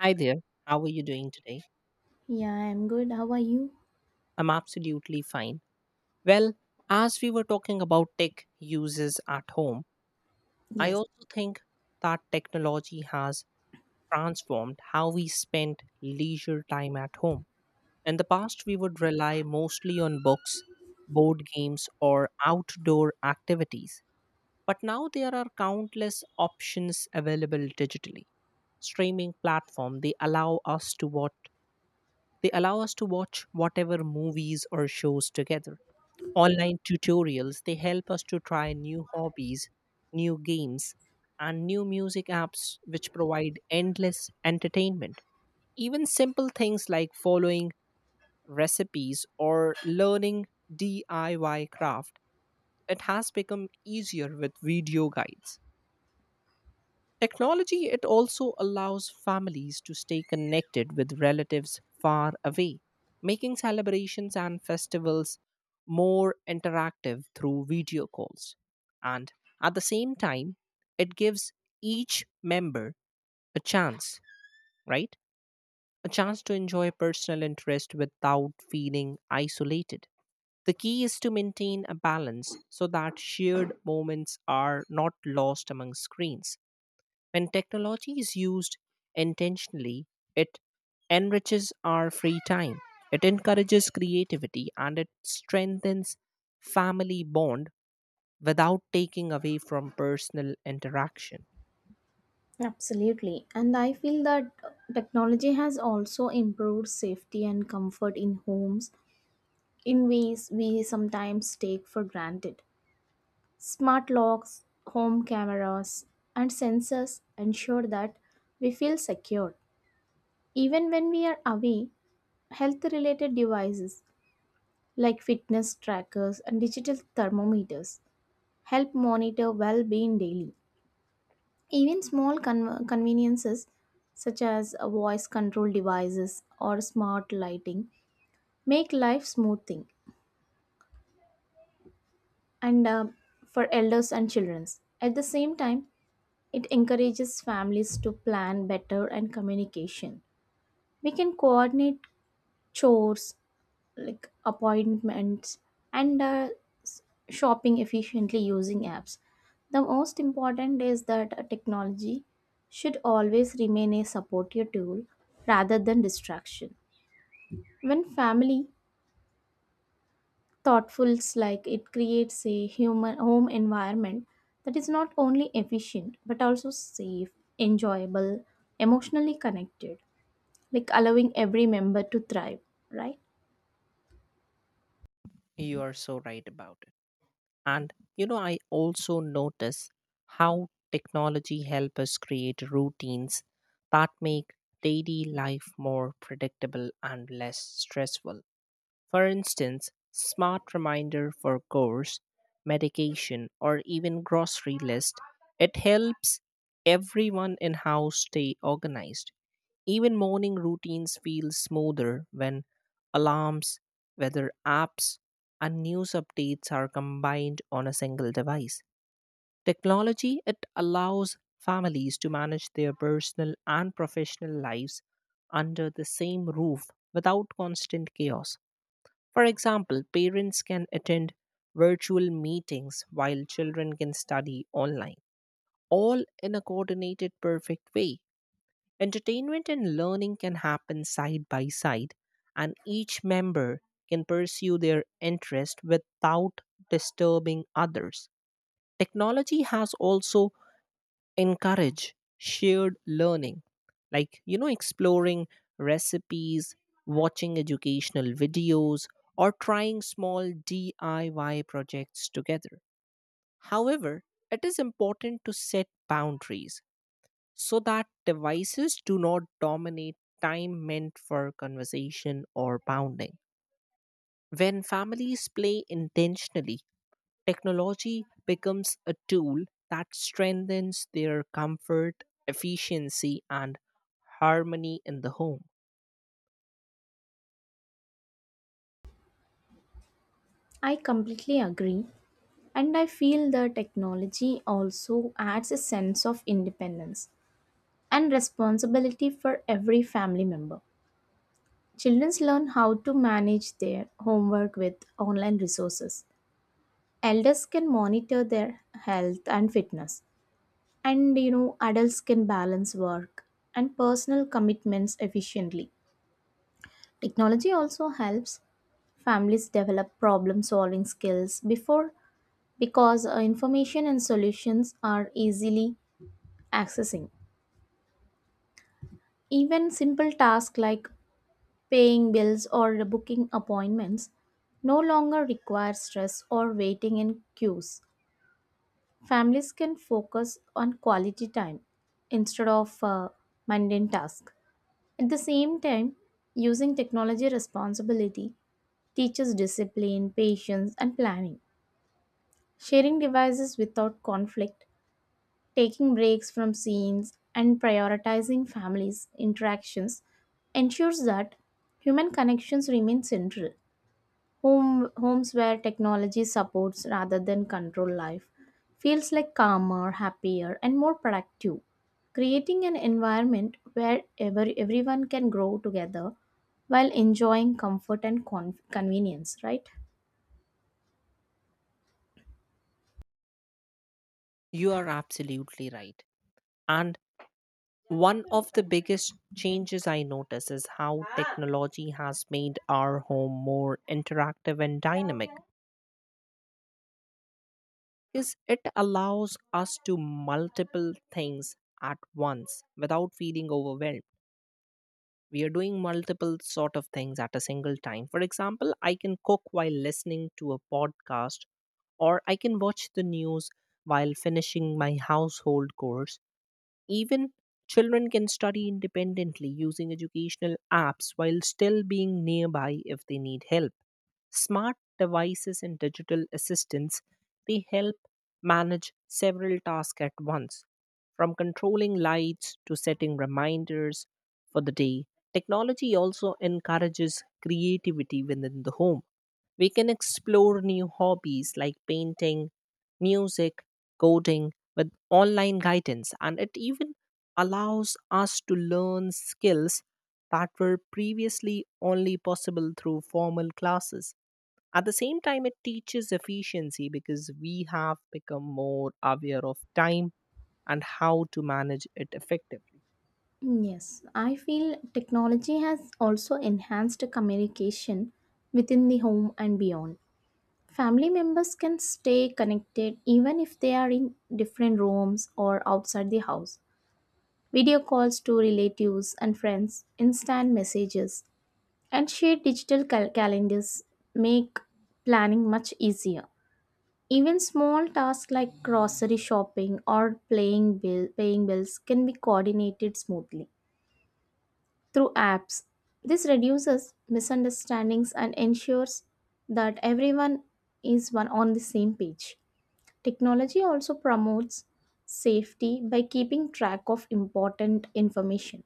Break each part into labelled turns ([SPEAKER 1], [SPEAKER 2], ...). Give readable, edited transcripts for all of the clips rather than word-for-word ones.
[SPEAKER 1] Hi there. How are you doing today?
[SPEAKER 2] Yeah, I'm good. How are you?
[SPEAKER 1] I'm absolutely fine. Well, as we were talking about tech uses at home, I
[SPEAKER 2] Yes.
[SPEAKER 1] also think that technology has transformed how we spend leisure time at home. In the past, we would rely mostly on books, board games, or outdoor activities. But now there are countless options available digitally. Streaming platform, they allow us to watch whatever movies or shows together. Online tutorials, they help us to try new hobbies, new games, and new music apps which provide endless entertainment. Even simple things like following recipes or learning DIY craft, it has become easier with video guides. Technology, it also allows families to stay connected with relatives far away, making celebrations and festivals more interactive through video calls. And at the same time, it gives each member a chance, right? A chance to enjoy personal interest without feeling isolated. The key is to maintain a balance so that shared moments are not lost among screens. When technology is used intentionally, it enriches our free time. It encourages creativity and it strengthens family bond without taking away from personal interaction.
[SPEAKER 2] Absolutely. And I feel that technology has also improved safety and comfort in homes in ways we sometimes take for granted. Smart locks, home cameras, and sensors ensure that we feel secure. Even when we are away, health related devices like fitness trackers and digital thermometers help monitor well being daily. Even small conveniences such as voice control devices or smart lighting make life smoothing and for elders and children. At the same time, it encourages families to plan better and communication. We can coordinate chores, like appointments and s- shopping efficiently using apps. The most important is that technology should always remain a supportive tool rather than distraction. When family thoughtfuls like it creates a human home environment that is not only efficient but also safe, enjoyable, emotionally connected, like allowing every member to thrive, right?
[SPEAKER 1] You are so right about And I also notice how technology help us create routines that make daily life more predictable and less stressful. For instance, smart reminder for course, medication, or even grocery list, it helps everyone in house stay organized. Even morning routines feel smoother when alarms, weather apps, and news updates are combined on a single device. Technology, it allows families to manage their personal and professional lives under the same roof without constant chaos. For example, parents can attend virtual meetings while children can study online, all in a coordinated perfect way. Entertainment and learning can happen side by side, and each member can pursue their interest without disturbing others. Technology has also encouraged shared learning, like exploring recipes, watching educational videos, or trying small DIY projects together. However, it is important to set boundaries so that devices do not dominate time meant for conversation or bounding. When families play intentionally, technology becomes a tool that strengthens their comfort, efficiency, and harmony in the home.
[SPEAKER 2] I completely agree. And I feel the technology also adds a sense of independence and responsibility for every family member. Children learn how to manage their homework with online resources. Elders can monitor their health and fitness. And you know, adults can balance work and personal commitments efficiently. Technology also helps families develop problem solving skills before because information and solutions are easily accessing. Even simple tasks like paying bills or booking appointments no longer require stress or waiting in queues. Families can focus on quality time instead of mundane tasks. At the same time, using technology responsibility teaches discipline, patience, and planning. Sharing devices without conflict. Taking breaks from scenes and prioritizing families' interactions ensures that human connections remain central. Homes where technology supports rather than control life feels like calmer, happier, and more productive. Creating an environment where everyone can grow together while enjoying comfort and convenience, right?
[SPEAKER 1] You are absolutely right. And one of the biggest changes I notice is how technology has made our home more interactive and dynamic, because it allows us to multiple things at once without feeling overwhelmed. We are doing multiple sort of things at a single time. For example, I can cook while listening to a podcast, or I can watch the news while finishing my household chores. Even children can study independently using educational apps while still being nearby if they need help. Smart devices and digital assistants, they help manage several tasks at once. From controlling lights to setting reminders for the day, technology also encourages creativity within the home. We can explore new hobbies like painting, music, coding, with online guidance, and it even allows us to learn skills that were previously only possible through formal classes. At the same time, it teaches efficiency because we have become more aware of time and how to manage it effectively.
[SPEAKER 2] Yes, I feel technology has also enhanced communication within the home and beyond. Family members can stay connected even if they are in different rooms or outside the house. Video calls to relatives and friends, instant messages, and shared digital calendars make planning much easier. Even small tasks like grocery shopping or paying bills can be coordinated smoothly through apps. This reduces misunderstandings and ensures that everyone is one on the same page. Technology also promotes safety by keeping track of important information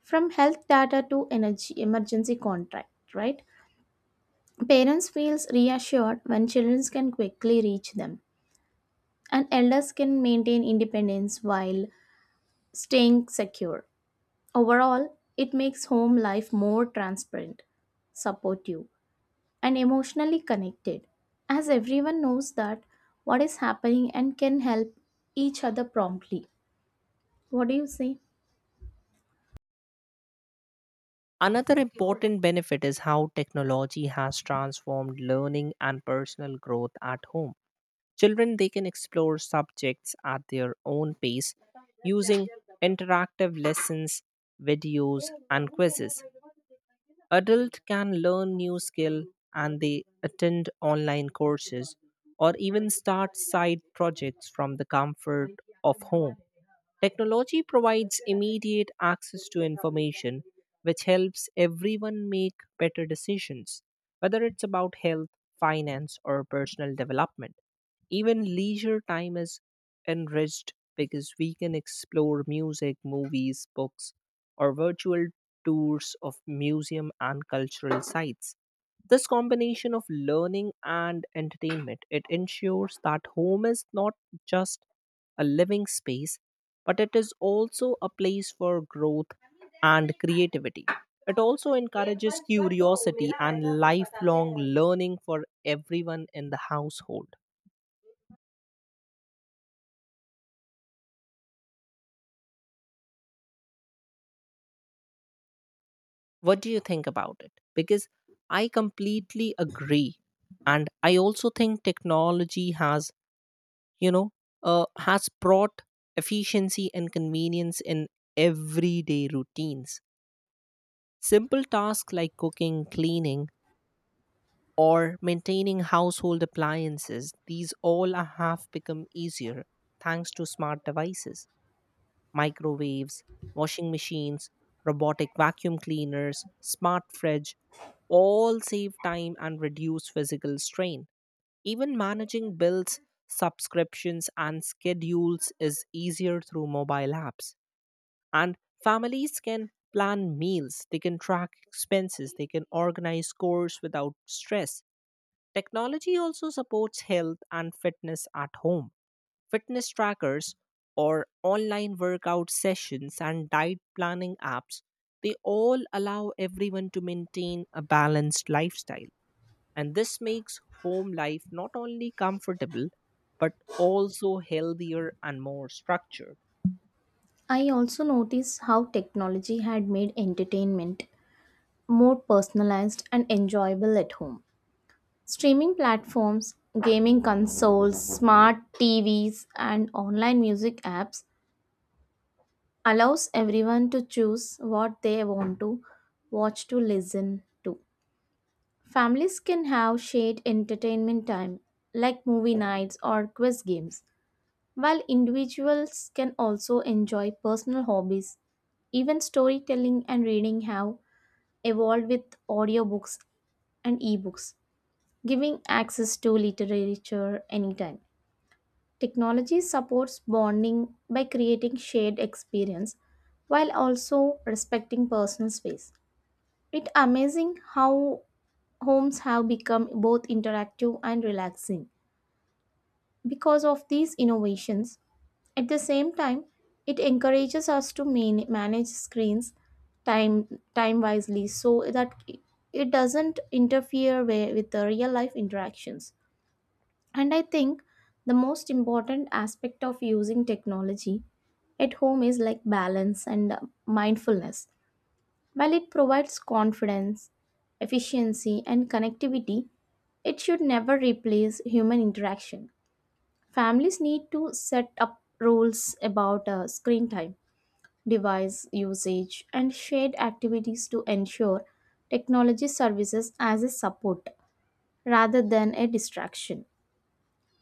[SPEAKER 2] from health data to energy emergency contract, right? Parents feels reassured when children can quickly reach them and elders can maintain independence while staying secure. Overall, it makes home life more transparent, supportive, and emotionally connected, as everyone knows that what is happening and can help each other promptly. What do you say?
[SPEAKER 1] Another important benefit is how technology has transformed learning and personal growth at home. Children, they can explore subjects at their own pace using interactive lessons, videos, and quizzes. Adult can learn new skill and they attend online courses or even start side projects from the comfort of home. Technology provides immediate access to information, which helps everyone make better decisions, whether it's about health, finance, or personal development. Even leisure time is enriched because we can explore music, movies, books, or virtual tours of museum and cultural sites. This combination of learning and entertainment, it ensures that home is not just a living space, but it is also a place for growth and creativity. It also encourages curiosity and lifelong learning for everyone in the household. What do you think about it? Because I completely agree. And I also think technology has, you know, has brought efficiency and convenience in everyday routines. Simple tasks like cooking, cleaning, or maintaining household appliances, have become easier thanks to smart devices, microwaves, washing machines, robotic vacuum cleaners, smart fridge, all save time and reduce physical strain. Even managing bills, subscriptions, and schedules is easier through mobile apps. And families can plan meals, they can track expenses, they can organize chores without stress. Technology also supports health and fitness at home. Fitness trackers or online workout sessions and diet planning apps, they all allow everyone to maintain a balanced lifestyle. And this makes home life not only comfortable, but also healthier and more structured.
[SPEAKER 2] I also noticed how technology had made entertainment more personalized and enjoyable at home. Streaming platforms, gaming consoles, smart TVs, and online music apps allows everyone to choose what they want to watch to listen to. Families can have shared entertainment time like movie nights or quiz games, while individuals can also enjoy personal hobbies. Even storytelling and reading have evolved with audiobooks and ebooks, giving access to literature anytime. Technology supports bonding by creating shared experience while also respecting personal space. It's amazing how homes have become both interactive and relaxing because of these innovations. At the same time, it encourages us to manage screens time time wisely so that it doesn't interfere with the real life interactions. And I think the most important aspect of using technology at home is like balance and mindfulness. While it provides confidence, efficiency, and connectivity, it should never replace human interaction. Families need to set up rules about screen time, device usage, and shared activities to ensure technology services as a support rather than a distraction.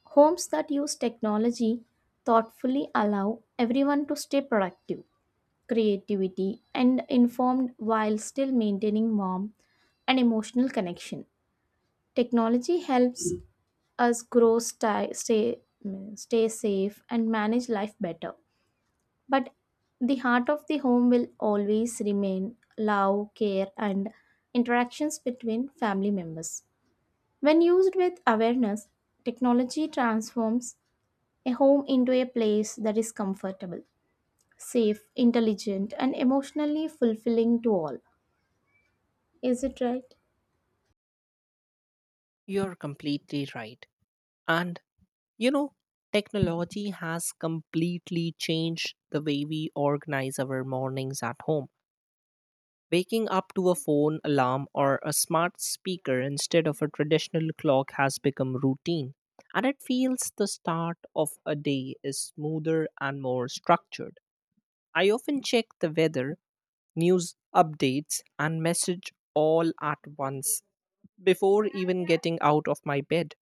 [SPEAKER 2] Homes that use technology thoughtfully allow everyone to stay productive, creativity, and informed while still maintaining warm and emotional connection. Technology helps us grow, stay safe, and manage life better. But the heart of the home will always remain love, care, and interactions between family members. When used with awareness, technology transforms a home into a place that is comfortable, safe, intelligent, and emotionally fulfilling to all. Is it right?
[SPEAKER 1] You're completely right. And, you know, technology has completely changed the way we organize our mornings at home. Waking up to a phone alarm or a smart speaker instead of a traditional clock has become routine, and it feels the start of a day is smoother and more structured. I often check the weather, news updates, and message all at once before even getting out of my bed.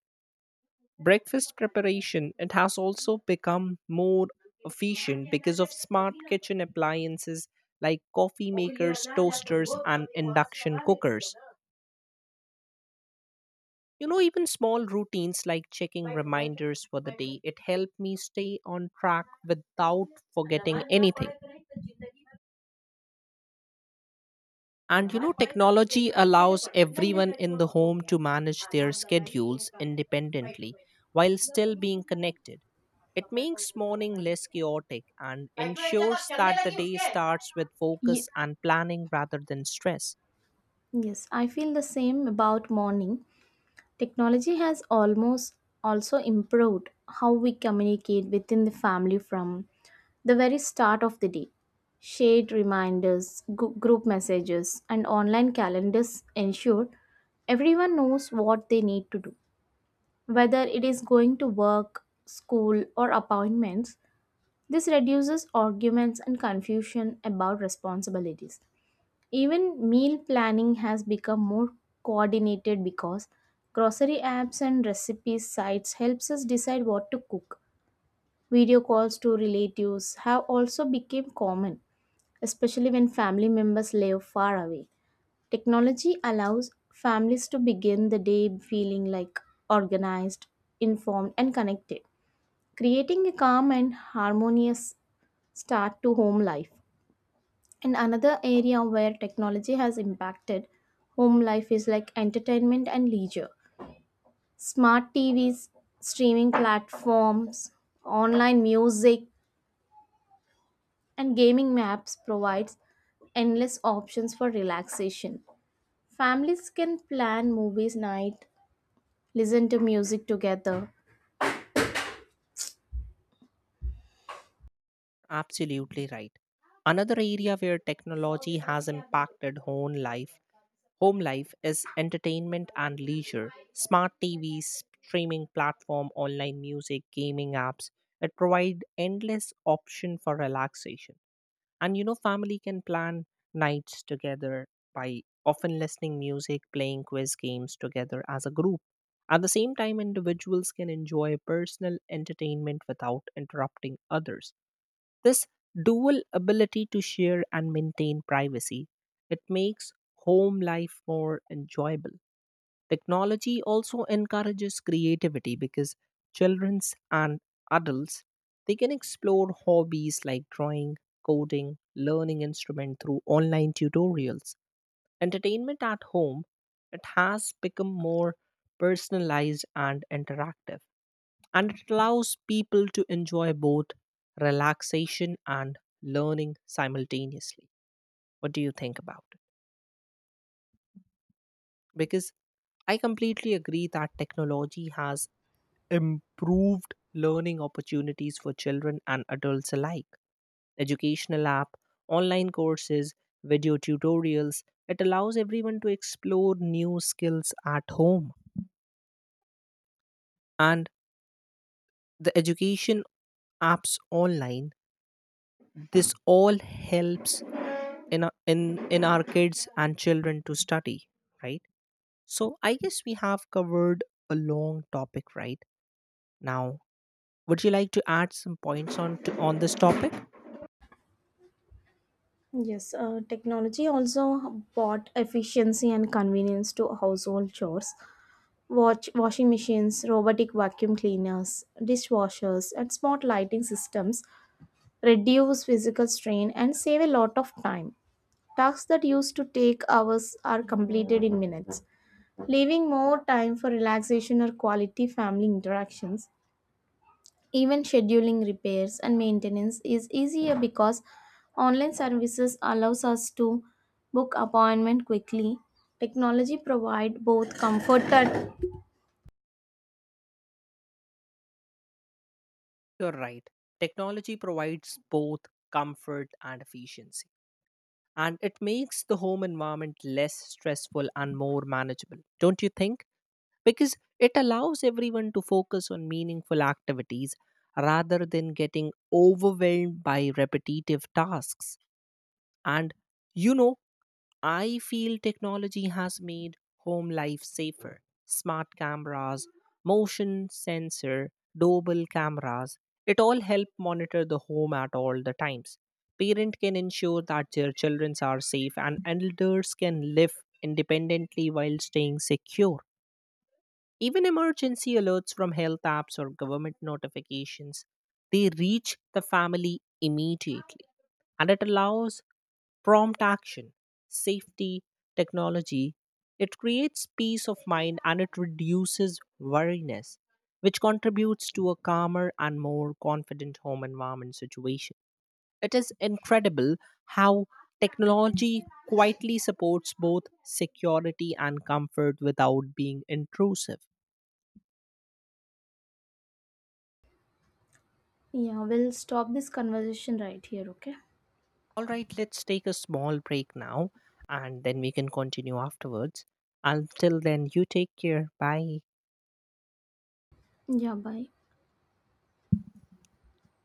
[SPEAKER 1] Breakfast preparation, it has also become more efficient because of smart kitchen appliances like coffee makers, toasters, and induction cookers. You know, even small routines like checking reminders for the day, it helped me stay on track without forgetting anything. And you know, technology allows everyone in the home to manage their schedules independently while still being connected. It makes morning less chaotic and ensures that the day starts with focus
[SPEAKER 2] Ye-
[SPEAKER 1] and planning rather than stress.
[SPEAKER 2] yes, I feel the same about morning. Technology has almost also improved how we communicate within the family from the very start of the day. Shared reminders, group messages, and online calendars ensure everyone knows what they need to do, whether it is going to work, school, or appointments. This reduces arguments and confusion about responsibilities. Even meal planning has become more coordinated because grocery apps and recipe sites helps us decide what to cook. Video calls to relatives have also become common, especially when family members live far away. Technology allows families to begin the day feeling like organized, informed, and connected, creating a calm and harmonious start to home life. And another area where technology has impacted home life is like entertainment and leisure. Smart TVs, streaming platforms, online music, and gaming apps provides endless options for relaxation. Families can plan movies night, listen to music together.
[SPEAKER 1] Absolutely right. Another area where technology has impacted home life is entertainment and leisure. Smart TVs, streaming platform, online music, gaming apps, it provide endless option for relaxation. And you know, family can plan nights together by often listening music, playing quiz games together as a group. At the same time, individuals can enjoy personal entertainment without interrupting others. This dual ability to share and maintain privacy, it makes home life more enjoyable. Technology also encourages creativity because children and adults, they can explore hobbies like drawing, coding, learning instrument through online tutorials. Entertainment at home, it has become more personalized and interactive, and it allows people to enjoy both relaxation and learning simultaneously. What do you think about it? Because I completely agree that technology has improved learning opportunities for children and adults alike. Educational app, online courses, video tutorials, it allows everyone to explore new skills at home. And the education apps online, this all helps in our kids and children to study, right? So I guess we have covered a long topic right now. Would you like to add some points on this topic?
[SPEAKER 2] Yes, technology also brought efficiency and convenience to household chores. Watch Washing machines, robotic vacuum cleaners, dishwashers, and smart lighting systems reduce physical strain and save a lot of time. Tasks that used to take hours are completed in minutes, leaving more time for relaxation or quality family interactions. Even scheduling repairs and maintenance is easier because online services allows us to book appointment quickly. Technology provide both comfort and
[SPEAKER 1] You're right. Technology provides both comfort and efficiency, and it makes the home environment less stressful and more manageable, don't you think? Because it allows everyone to focus on meaningful activities rather than getting overwhelmed by repetitive tasks. And you know, I feel technology has made home life safer. Smart cameras, motion sensor, doorbell cameras, it all help monitor the home at all the times. Parents can ensure that their children are safe and elders can live independently while staying secure. Even emergency alerts from health apps or government notifications, they reach the family immediately, and it allows prompt action, safety, technology. It creates peace of mind and it reduces worriness, which contributes to a calmer and more confident home environment situation. It is incredible how technology quietly supports both security and comfort without being intrusive.
[SPEAKER 2] yeah, we'll stop this conversation right here, okay?
[SPEAKER 1] All right, let's take a small break now and then we can continue afterwards. Until then, you take care. Bye.
[SPEAKER 2] Yeah, bye.